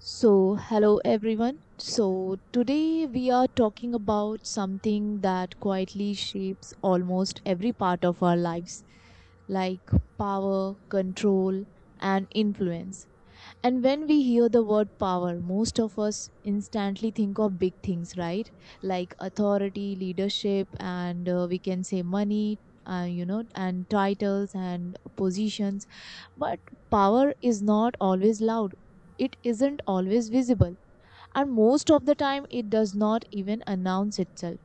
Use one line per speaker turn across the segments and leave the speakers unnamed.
So, hello everyone. So, today we are talking about something that quietly shapes almost every part of our lives, like power, control, and influence. And when we hear the word power, most of us instantly think of big things, right? Like authority, leadership, and we can say money, and titles and positions. But power is not always loud, it isn't always visible. And most of the time, it does not even announce itself.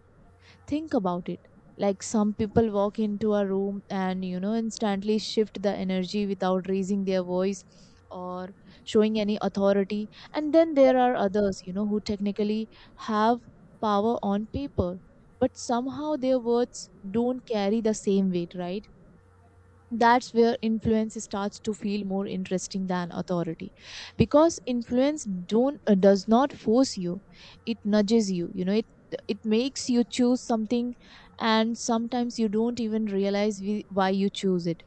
Think about it. Like some people walk into a room and, instantly shift the energy without raising their voice or showing any authority. And then there are others, who technically have power on paper, but somehow their words don't carry the same weight, right? That's where influence starts to feel more interesting than authority because influence don't does not force you, it nudges you you know it it makes you choose something, and sometimes you don't even realize why you choose it.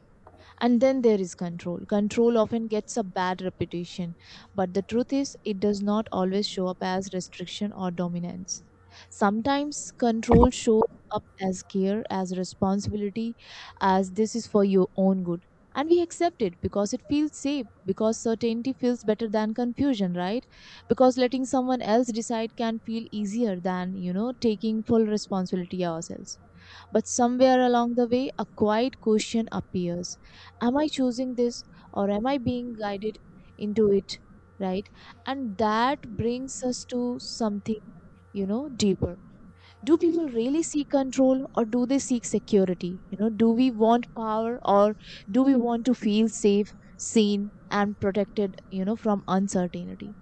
And then there is control. Control often gets a bad reputation, but the truth is, it does not always show up as restriction or dominance. Sometimes control shows up as care, as responsibility, as this is for your own good. And we accept it because it feels safe, because certainty feels better than confusion, right? Because letting someone else decide can feel easier than, taking full responsibility ourselves. But somewhere along the way, a quiet question appears. Am I choosing this, or am I being guided into it? Right? And that brings us to something, deeper. Do people really seek control or do they seek security? You know, do we want power, or do we want to feel safe, seen, and protected, from uncertainty?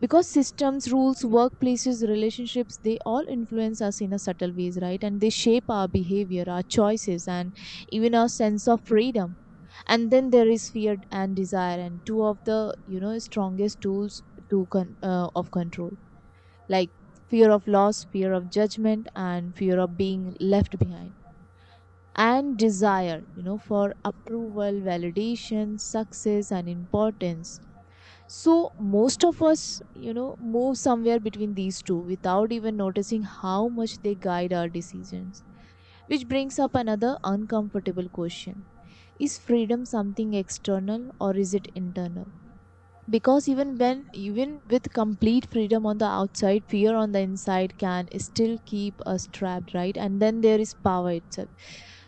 Because systems, rules, workplaces, relationships, they all influence us in a subtle ways, right? And they shape our behavior, our choices, and even our sense of freedom. And then there is fear and desire, and two of the, strongest tools of control, like fear of loss, fear of judgment, and fear of being left behind. And desire, for approval, validation, success, and importance. So most of us, move somewhere between these two without even noticing how much they guide our decisions. Which brings up another uncomfortable question. Is freedom something external or is it internal? Because even when, even with complete freedom on the outside, fear on the inside can still keep us trapped, right? And then there is power itself.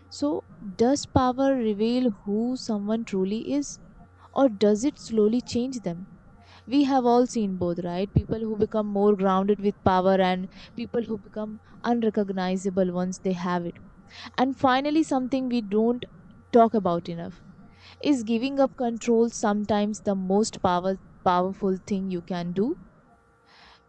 So does power reveal who someone truly is? Or does it slowly change them? We have all seen both, right? People who become more grounded with power, and people who become unrecognizable once they have it. And finally, something we don't talk about enough is giving up control sometimes the powerful thing you can do.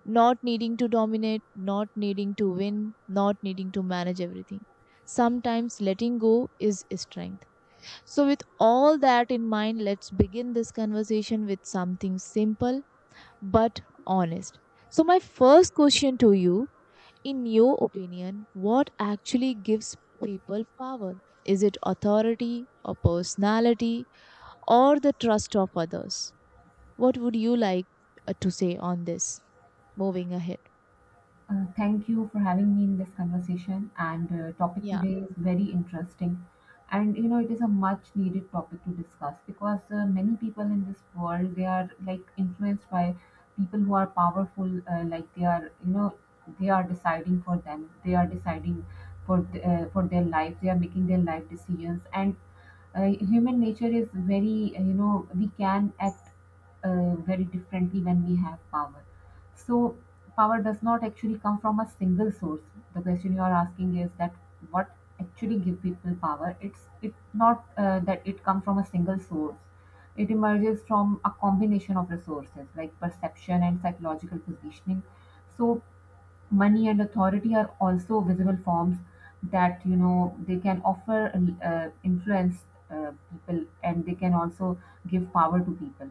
Not needing to dominate, not needing to win, not needing to manage everything. Sometimes letting go is strength. So, with all that in mind, let's begin this conversation with something simple but honest. So, my first question to you, in your opinion, what actually gives people power? Is it authority or personality or the trust of others? What would you like to say on this, moving ahead?
Thank you for having me in this conversation. And topic
Yeah.
today is very interesting, and you know it is a much needed topic to discuss because many people in this world they are like influenced by people who are powerful. Like they are, you know, they are deciding for them. They are deciding for for their life. They are making their life decisions, and uh, human nature is very, you know, we can act very differently when we have power. So power does not actually come from a single source. The question you are asking is that what actually give people power? It's it not that it comes from a single source. It emerges from a combination of resources like perception and psychological positioning. So money and authority are also visible forms that you know they can offer influence uh, people and they can also give power to people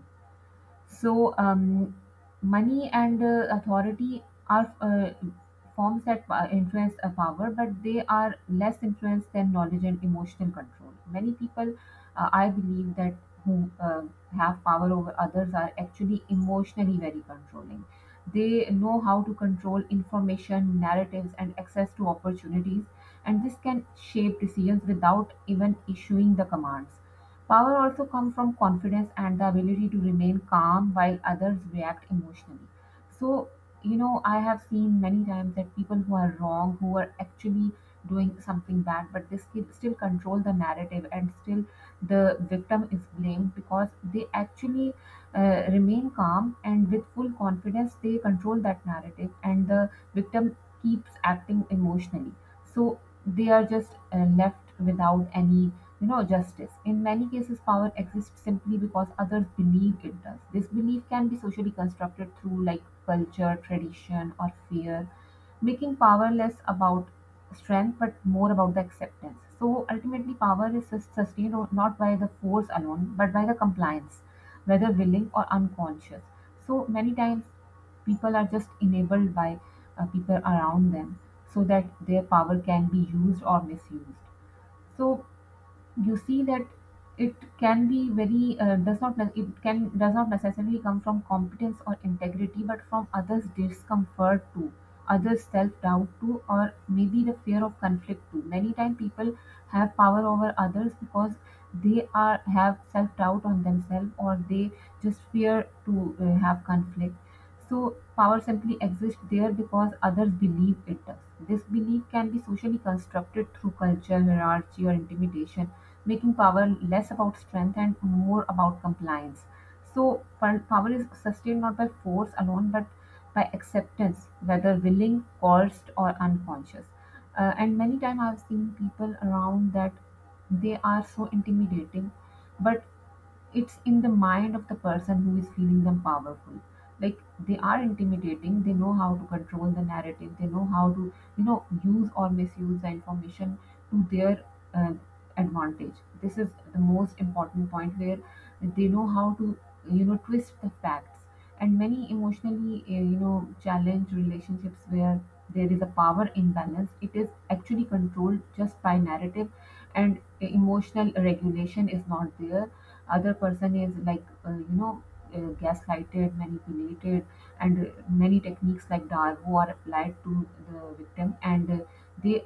so, money and authority are forms that influence a power, but they are less influenced than knowledge and emotional control. Many people, I believe, that who have power over others are actually emotionally very controlling. They know how to control information, narratives, and access to opportunities, and this can shape decisions without even issuing the commands. Power also comes from confidence and the ability to remain calm while others react emotionally. So, you know, I have seen many times that people who are wrong, who are actually doing something bad, but they still control the narrative, and still the victim is blamed because they actually remain calm, and with full confidence they control that narrative and the victim keeps acting emotionally. So, they are just left without any no justice. In many cases, power exists simply because others believe it does. This belief can be socially constructed through like culture, tradition, or fear, making power less about strength but more about the acceptance. So ultimately, power is sustained not by the force alone but by the compliance, whether willing or unconscious. So many times, people are just enabled by people around them so that their power can be used or misused. So you see that it can be very does not ne- it can does not necessarily come from competence or integrity but from others discomfort too, others self doubt too, or maybe the fear of conflict. Too many times people have power over others because they are have self doubt on themselves, or they just fear to have conflict. So power simply exists there because others believe it does. This belief can be socially constructed through culture, hierarchy, or intimidation, making power less about strength and more about compliance. So, power is sustained not by force alone, but by acceptance, whether willing, coerced, or unconscious. And many times I've seen people around that they are so intimidating, but it's in the mind of the person who is feeling them powerful. Like they are intimidating, they know how to control the narrative, they know how to, you know, use or misuse the information to their uh, advantage. This is the most important point, where they know how to, you know, twist the facts. And many emotionally you know challenged relationships where there is a power imbalance, it is actually controlled just by narrative, and emotional regulation is not there. Other person is like gaslighted, manipulated, and many techniques like darvo are applied to the victim, and they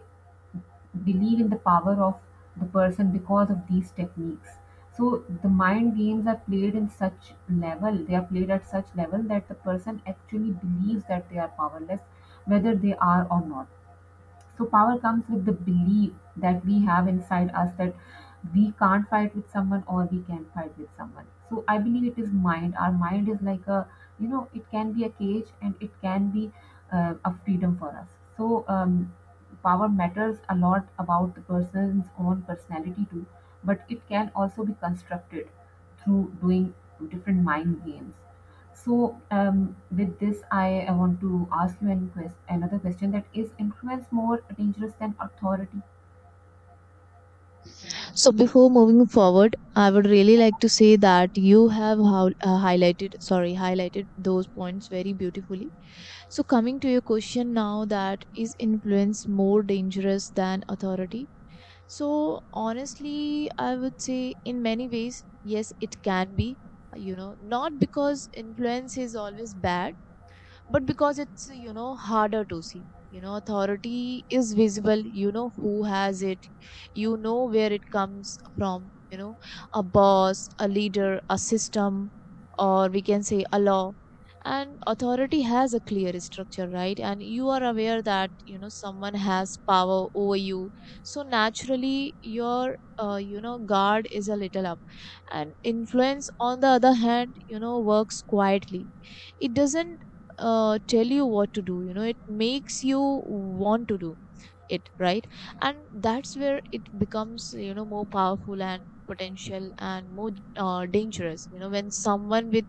believe in the power of the person because of these techniques. So the mind games are played in such level, they are played at such level that the person actually believes that they are powerless, whether they are or not. So power comes with the belief that we have inside us, that we can't fight with someone or we can fight with someone. So I believe it is mind. Our mind is like a, you know, it can be a cage and it can be a freedom for us. So power matters a lot about the person's own personality too, but it can also be constructed through doing different mind games. So, with this, I want to ask you an another question: that is influence more dangerous than authority?
So before moving forward, I would really like to say that you have highlighted those points very beautifully. So coming to your question now, that is influence more dangerous than authority? So honestly, I would say in many ways, yes, it can be, not because influence is always bad, but because it's, harder to see. You know, authority is visible, who has it, where it comes from, a boss, a leader, a system, or we can say a law. And authority has a clear structure, right? And you are aware that, someone has power over you, so naturally your guard is a little up. And influence, on the other hand, works quietly. It doesn't tell you what to do, it makes you want to do it, right? And that's where it becomes, more powerful and potential and more dangerous. You know, when someone with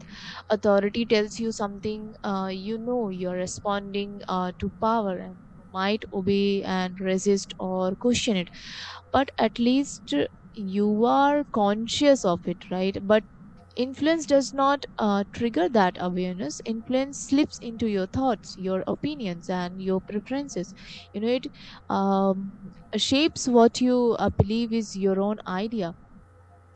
authority tells you something, you're responding to power, and you might obey and resist or question it, but at least you are conscious of it, right? But influence does not trigger that awareness. Influence slips into your thoughts, your opinions, and your preferences. You know, it um, shapes what you believe is your own idea.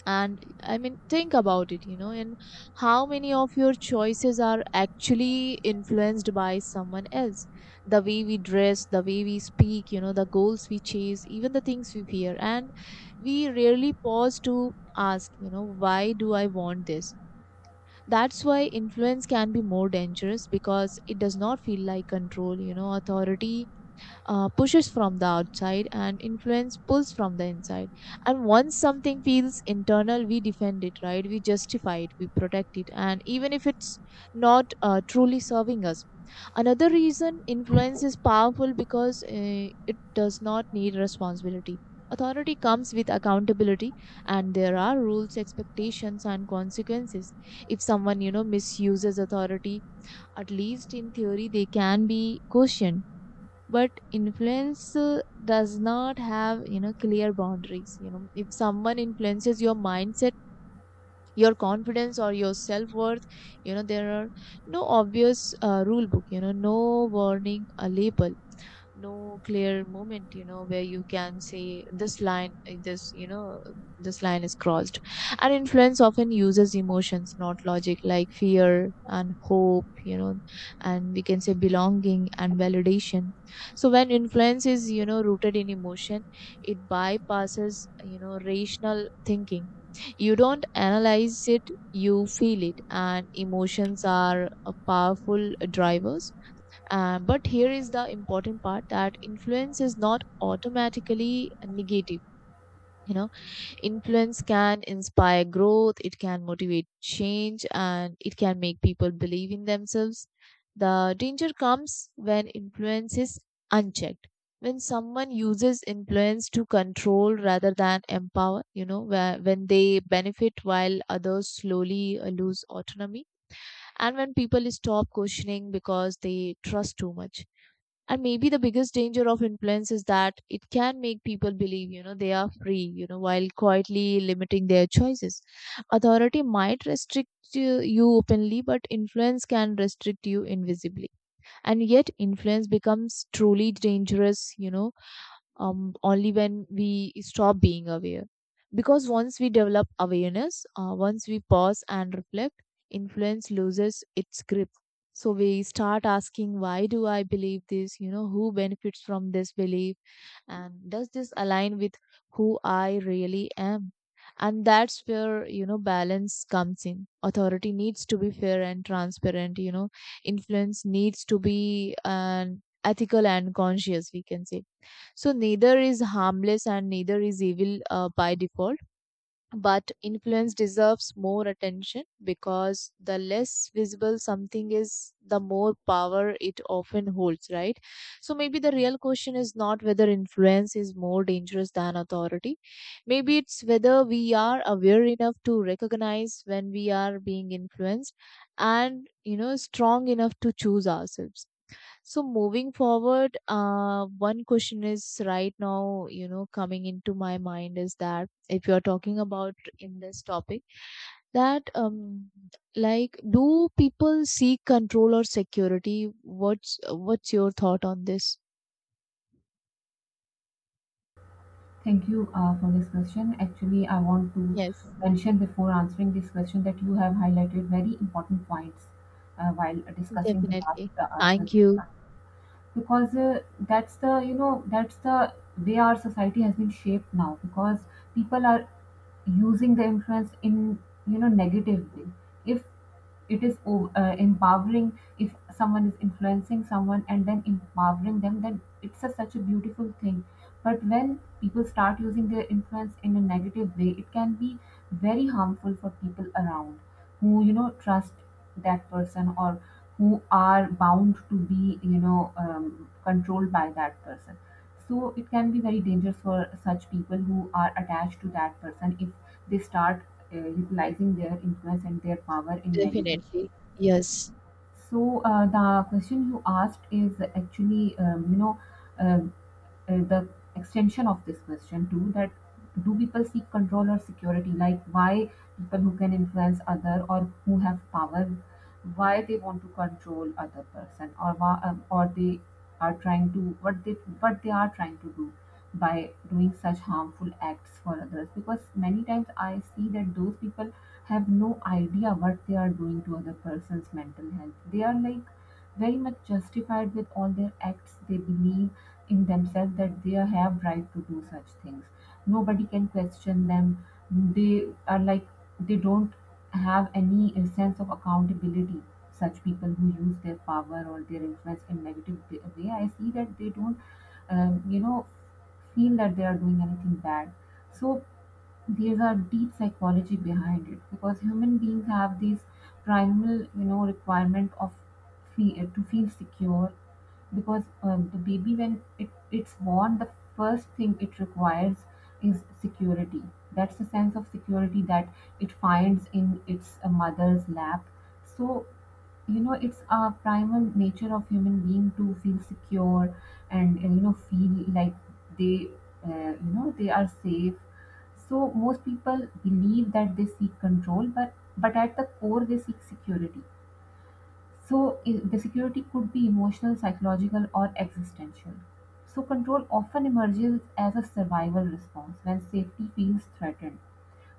And I mean, think about it, and how many of your choices are actually influenced by someone else? The way we dress, the way we speak, the goals we chase, even the things we fear. And we rarely pause to ask, why do I want this? That's why influence can be more dangerous, because it does not feel like control. You know, authority pushes from the outside, and influence pulls from the inside. And once something feels internal, we defend it, right? We justify it, we protect it, and even if it's not truly serving us. Another reason influence is powerful, because it does not need responsibility. Authority comes with accountability, and there are rules, expectations, and consequences. If someone, misuses authority, at least in theory, they can be questioned. But influence does not have, clear boundaries. You know, if someone influences your mindset, your confidence, or your self-worth, there are no obvious rule book, no warning a label, no clear moment, where you can say this line, uh, this, this line is crossed. And influence often uses emotions, not logic, like fear and hope, and we can say belonging and validation. So when influence is, rooted in emotion, it bypasses, rational thinking. You don't analyze it, you feel it, and emotions are a powerful drivers. But here is the important part, that influence is not automatically negative. You know, influence can inspire growth, it can motivate change, and it can make people believe in themselves. The danger comes when influence is unchecked. When someone uses influence to control rather than empower, when they benefit while others slowly lose autonomy, and when people stop questioning because they trust too much. And maybe the biggest danger of influence is that it can make people believe, they are free, while quietly limiting their choices. Authority might restrict you openly, but influence can restrict you invisibly. And yet influence becomes truly dangerous, only when we stop being aware. Because once we develop awareness, once we pause and reflect, influence loses its grip. So we start asking, why do I believe this? You know, who benefits from this belief? And does this align with who I really am? And that's where, balance comes in. Authority needs to be fair and transparent, influence needs to be an ethical and conscious, we can say. So neither is harmless and neither is evil by default, but influence deserves more attention, because the less visible something is, the more power it often holds, right? So maybe the real question is not whether influence is more dangerous than authority, maybe it's whether we are aware enough to recognize when we are being influenced, and, strong enough to choose ourselves. So moving forward, one question is right now, coming into my mind, is that if you're talking about in this topic, that like, do people seek control or security? What's your thought on this?
Thank you for this question. Actually, I want to
Yes,
mention before answering this question that you have highlighted very important points while discussing the last
definitely.
question.
Thank you.
Because that's the, you know, that's the way our society has been shaped now, because people are using the influence in, you know, negative way. If it is empowering, if someone is influencing someone and then empowering them, then it's a such a beautiful thing. But when people start using their influence in a negative way, it can be very harmful for people around who, you know, trust that person, or who are bound to be, you know, controlled by that person. So it can be very dangerous for such people who are attached to that person if they start utilizing their influence and their power in negative.
Definitely. Yes.
So the question you asked is actually, uh, the extension of this question too: that do people seek control or security? Like why people who can influence other or who have power, why they want to control other person, or why, or they are trying to what they are trying to do by doing such harmful acts for others? Because many times I see that those people have no idea what they are doing to other person's mental health. They are like very much justified with all their acts, they believe in themselves that they have right to do such things, nobody can question them. They are like, they don't have any sense of accountability. Such people who use their power or their influence in negative way, I see that they don't you know feel that they are doing anything bad. So there's a deep psychology behind it, because human beings have this primal, you know, requirement of to feel secure. Because the baby when it's born, the first thing it requires is security. That's the sense of security that it finds in its mother's lap. So, you know, it's a primal nature of human being to feel secure, and you know feel like they you know they are safe. So most people believe that they seek control, but at the core they seek security. So the security could be emotional, psychological, or existential. So control often emerges as a survival response when safety feels threatened.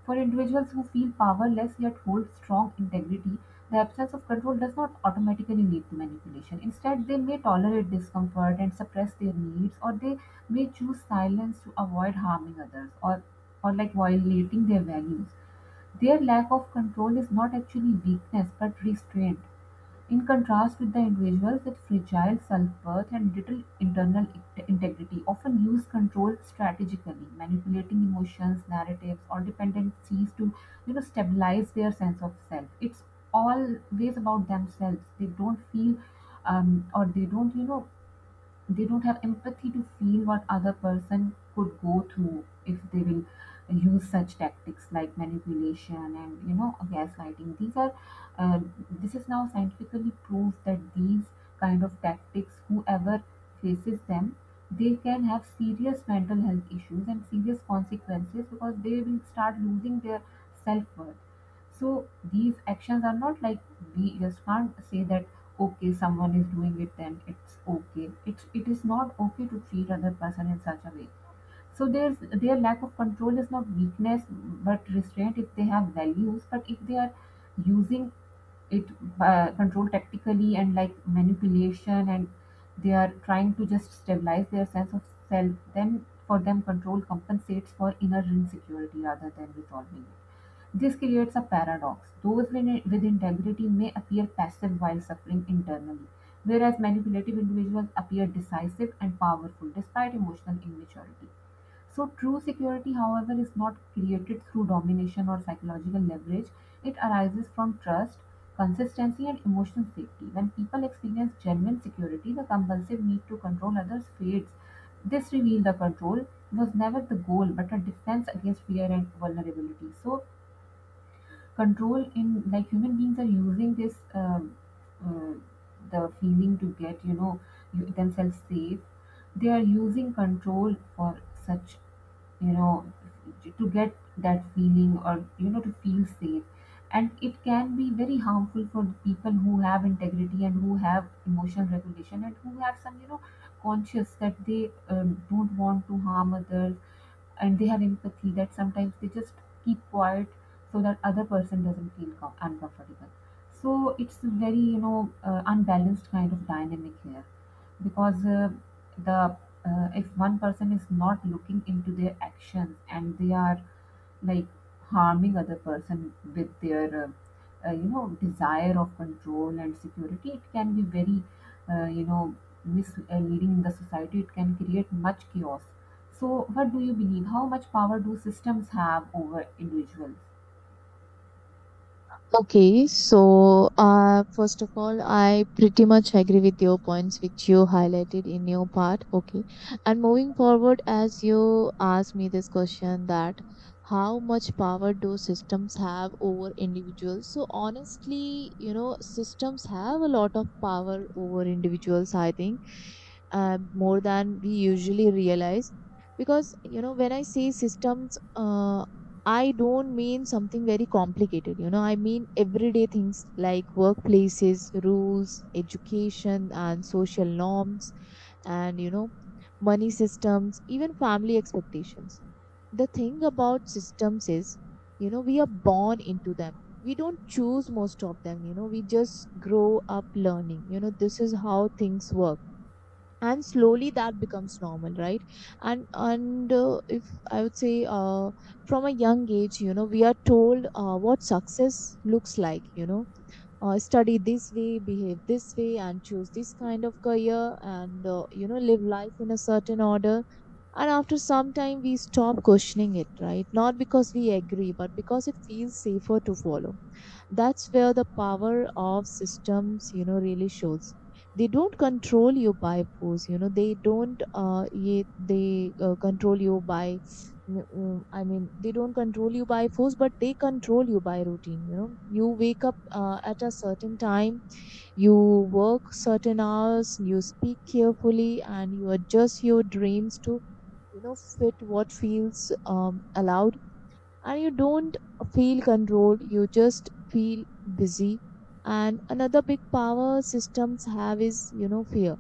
For individuals who feel powerless yet hold strong integrity, the absence of control does not automatically lead to manipulation. Instead, they may tolerate discomfort and suppress their needs, or they may choose silence to avoid harming others, or like violating their values. Their lack of control is not actually weakness but restraint. In contrast, with the individuals with fragile self-worth and little internal integrity, often use control strategically, manipulating emotions, narratives, or dependencies to, you know, stabilize their sense of self. It's always about themselves, they don't feel, um, or they don't, you know, they don't have empathy to feel what other person could go through if they will use such tactics like manipulation and, you know, gaslighting. These are uh, this is now scientifically proved that these kind of tactics, whoever faces them, they can have serious mental health issues and serious consequences, because they will start losing their self-worth. So these actions are not like, we just can't say that okay someone is doing it then it's okay. It is not okay to treat other person in such a way. So there's, their lack of control is not weakness but restraint, if they have values. But if they are using it, control tactically and like manipulation, and they are trying to just stabilize their sense of self, then for them control compensates for inner insecurity rather than resolving it. This creates a paradox: those with integrity may appear passive while suffering internally, whereas manipulative individuals appear decisive and powerful despite emotional immaturity. So, true security, however, is not created through domination or psychological leverage, it arises from trust. Consistency and emotional safety. When people experience genuine security, the compulsive need to control others fades. This reveal the control was never the goal but a defense against fear and vulnerability. So, control in like human beings are using this uh, the feeling to get themselves safe. They are using control for such, you know to get that feeling or, to feel safe, and it can be very harmful for the people who have integrity and who have emotional regulation and who have some, conscious that they don't want to harm others, and they have empathy that sometimes they just keep quiet so that other person doesn't feel uncomfortable. So it's a very, unbalanced kind of dynamic here, because the if one person is not looking into their actions and they are like harming other person with their desire of control and security, it can be very, uh, you know misleading in the society. It can create much chaos. So what do you believe? How much power do systems have over individuals?
Okay, so first of all, I pretty much agree with your points which you highlighted in your part. Okay, and moving forward, as you asked me this question, that how much power do systems have over individuals? So honestly, you know, systems have a lot of power over individuals. I think more than we usually realize, because, when I say systems, I don't mean something very complicated, I mean everyday things like workplaces, rules, education, and social norms, and, money systems, even family expectations. The thing about systems is, we are born into them. We don't choose most of them, we just grow up learning. You know, this is how things work, and slowly that becomes normal, right? And If I would say, from a young age, you know, we are told what success looks like, you know, study this way, behave this way, and choose this kind of career, and you know, live life in a certain order. And after some time, we stop questioning it, right? Not because we agree, but because it feels safer to follow. That's where the power of systems, you know, really shows. They don't control you by force, you know. They don't they control you by I mean, they don't control you by force, but they control you by routine. You know, you wake up at a certain time, you work certain hours, you speak carefully, and you adjust your dreams to, you know, fit what feels allowed. And you don't feel controlled, you just feel busy. And another big power systems have is, you know, fear.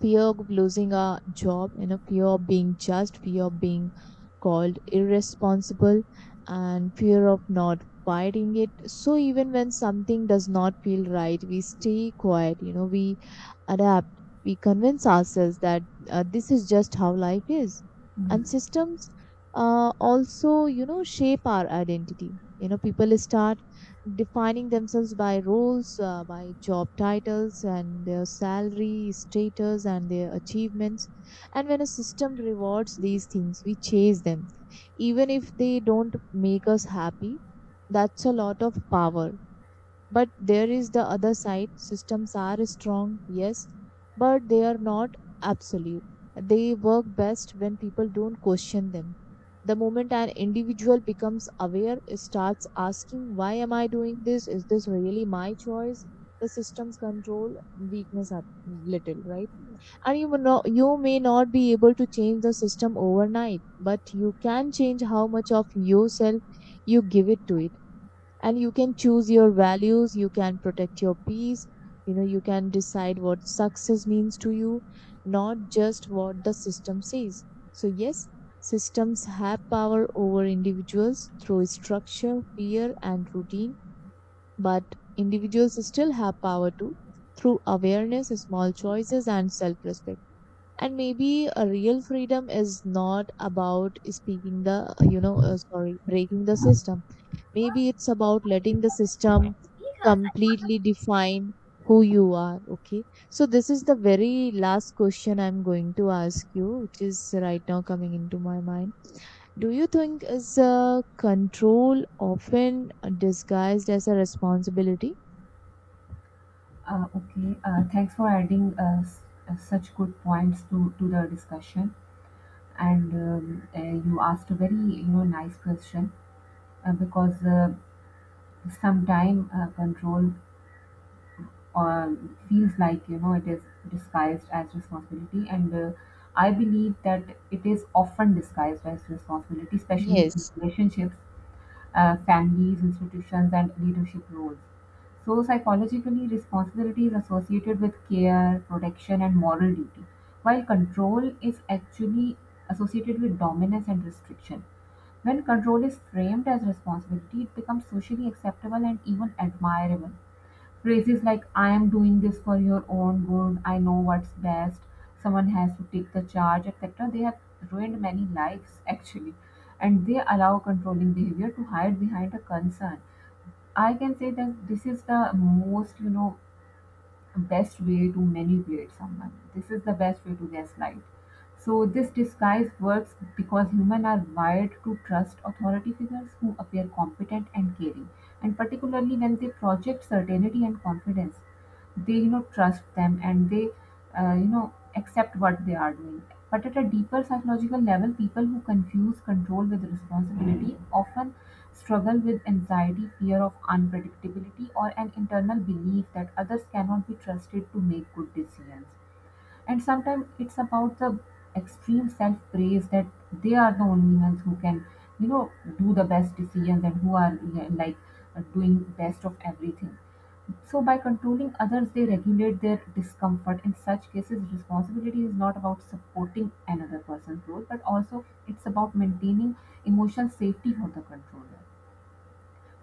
Fear of losing a job, you know, fear of being judged, fear of being called irresponsible, and fear of not fighting it. So even when something does not feel right, we stay quiet, you know, we adapt, we convince ourselves that this is just how life is. And
Hmm.
systems also, you know, shape our identity. You know, people start defining themselves by roles, by job titles, and their salary, status, and their achievements. And when a system rewards these things, we chase them, even if they don't make us happy. That's a lot of power, but there is the other side. Systems are strong, yes, but they are not absolute. They work best when people don't question them. The moment an individual becomes aware, starts asking, why am I doing this? Is this really my choice? The systems control weakness a little, right? And you may not be able to change the system overnight, but you can change how much of yourself you give it to it. And you can choose your values, you can protect your peace, you know, you can decide what success means to you, not just what the system says. So yes, systems have power over individuals through structure, fear, and routine, but individuals still have power too, through awareness, small choices, and self respect. And maybe a real freedom is not about speaking the you know sorry breaking the system. Maybe it's about letting the system completely define who you are. Okay, so this is the very last question I'm going to ask you, which is right now coming into my mind. Do you think is control often disguised as a responsibility?
Okay. Thanks for adding such good points to, the discussion. And you asked a very, nice question, because sometime control uh, feels like, it is disguised as responsibility, and I believe that it is often disguised as responsibility, especially in
Yes.
relationships, families, institutions and leadership roles. So psychologically, responsibility is associated with care, protection and moral duty, while control is actually associated with dominance and restriction. When control is framed as responsibility, it becomes socially acceptable and even admirable. Phrases like, "I am doing this for your own good," "I know what's best," "someone has to take the charge," etc., they have ruined many lives actually. And they allow controlling behavior to hide behind a concern. I can say that this is the most, best way to manipulate someone. This is the best way to gaslight. So this disguise works because humans are wired to trust authority figures who appear competent and caring, and particularly when they project certainty and confidence, they trust them and they accept what they are doing. But at a deeper psychological level, people who confuse control with responsibility often struggle with anxiety, fear of unpredictability, or an internal belief that others cannot be trusted to make good decisions. And sometimes it's about the extreme self praise that they are the only ones who can, you know do the best decisions and who are, yeah, like doing best of everything. So by controlling others, they regulate their discomfort. In such cases, responsibility is not about supporting another person's growth, but also it's about maintaining emotional safety for the controller.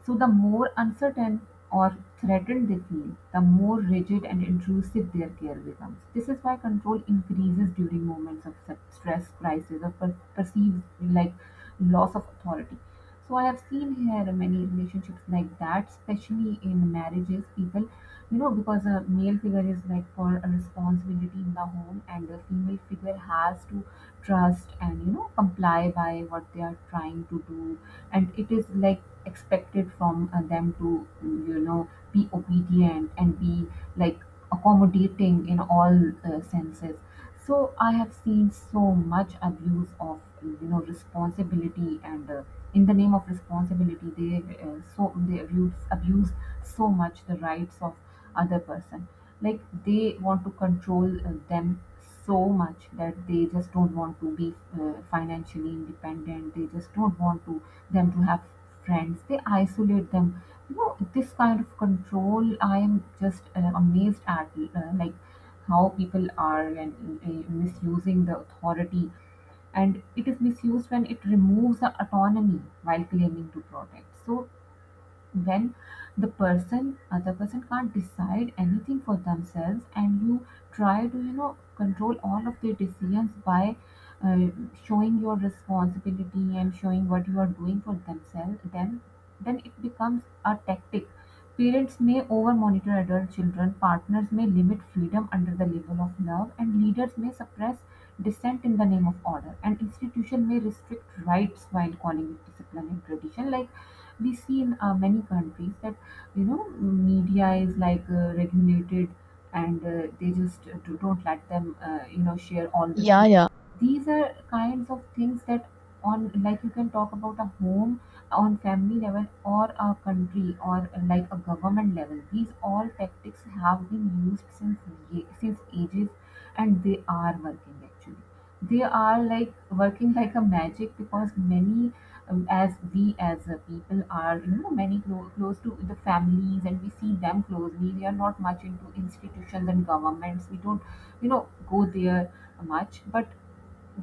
So the more uncertain or threatened they feel, the more rigid and intrusive their care becomes. This is why control increases during moments of such stress, crisis, or perceived like loss of authority. So I have seen here many relationships like that, especially in marriages. People, because a male figure is like for a responsibility in the home, and the female figure has to trust and, comply by what they are trying to do, and it is like expected from them to, be obedient and be like accommodating in all senses. So I have seen so much abuse of, responsibility, and in the name of responsibility they so they abuse so much the rights of other person. Like, they want to control them so much that they just don't want to be financially independent. They just don't want to them to have friends. They isolate them. You know, this kind of control, I am just amazed at, like, how people are and misusing the authority. And it is misused when it removes the autonomy while claiming to protect. So when the person, other person can't decide anything for themselves and you try to, control all of their decisions by, uh, showing your responsibility and showing what you are doing for themselves, then, it becomes a tactic. Parents may over monitor adult children, partners may limit freedom under the label of love, and leaders may suppress dissent in the name of order, and institution may restrict rights while calling it discipline and tradition, like we see in many countries, that, media is like regulated, and they just don't let them, share all the
Yeah,
truth.
yeah.
These are kinds of things that, on, like, you can talk about a home, on family level, or a country, or like a government level. These all tactics have been used since since ages, and they are working actually. They are like working like a magic. Because many, as we, as people are, you know, many close to the families and we see them closely. We are not much into institutions and governments. We don't, go there much. But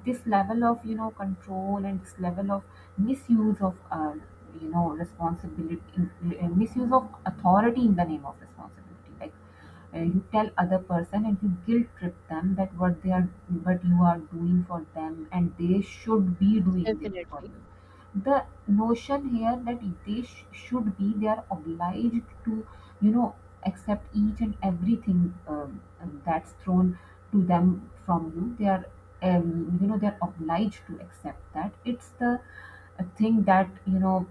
this level of, control and this level of misuse of, responsibility, misuse of authority in the name of responsibility, like, you tell other person and you guilt trip them that what they are, what you are doing for them and they should be doing this for
Definitely.
you. The notion here that they should be, they are obliged to, you know accept each and everything, that's thrown to them from you. They are, they're obliged to accept that. It's the a thing that, you know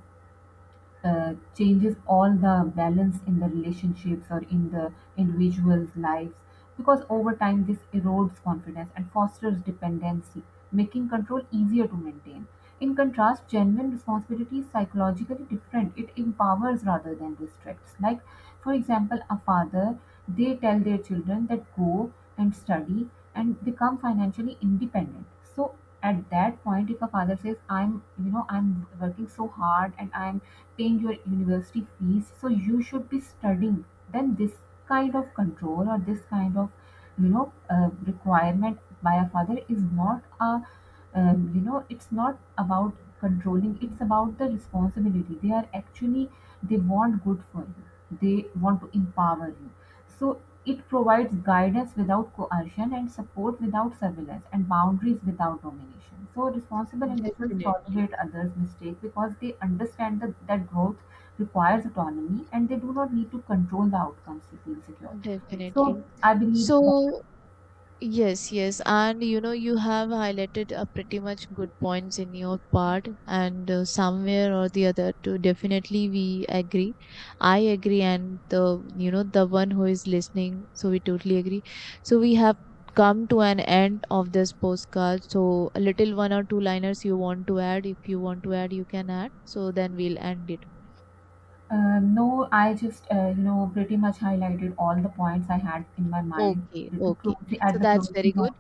uh, changes all the balance in the relationships or in the individual's lives, because over time this erodes confidence and fosters dependency, making control easier to maintain. In contrast, genuine responsibility is psychologically different. It empowers rather than restricts. Like, for example, a father, they tell their children that go and study and become financially independent. So at that point, if a father says, "I'm, I'm working so hard and I'm paying your university fees, so you should be studying," then this kind of control or this kind of, requirement by a father is not a, it's not about controlling. It's about the responsibility. They are actually, they want good for you, they want to empower you. So it provides guidance without coercion, and support without surveillance, and boundaries without domination. So responsible individuals
Definitely.
tolerate others' mistakes because they understand that, growth requires autonomy, and they do not need to control the outcomes to feel secure. So
Definitely.
I believe that,
So, yes, yes. And you know, you have highlighted pretty much good points in your part, and somewhere or the other, too, definitely we agree. I agree, and the, you know, the one who is listening, so we totally agree. So, we have come to an end of this postcard. So, a little one or two liners you want to add, if you want to add, you can add. So, then we'll end it.
no, I just, pretty much highlighted all the points I had in my mind
Okay,
to
okay.
close
So,
at the
that's
closing
very
note.
good.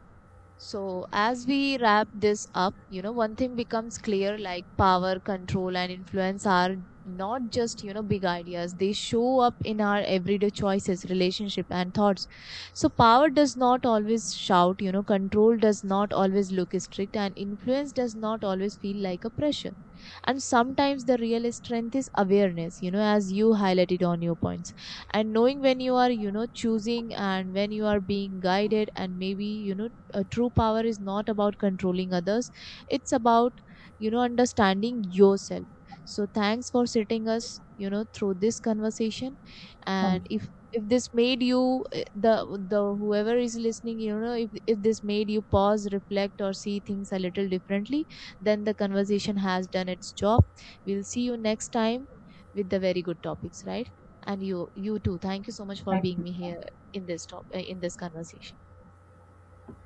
So, as we wrap this up, you know, one thing becomes clear, like power, control, and influence are not just, you know, big ideas. They show up in our everyday choices, relationship, and thoughts. So, power does not always shout, you know, control does not always look strict, and influence does not always feel like a pressure. And sometimes the real strength is awareness, you know, as you highlighted on your points, and knowing when you are, you know, choosing and when you are being guided. And maybe, you know, true power is not about controlling others, it's about, you know, understanding yourself. So thanks for sitting us, you know, through this conversation.
Thank
And
you.
if this made you uh, the the whoever is listening, you know, if this made you pause, reflect, or see things a little differently, then the conversation has done its job. We'll see you next time with the very good topics, right? And you too, thank you so much for
Thank
being me here
you.
in this top in this conversation.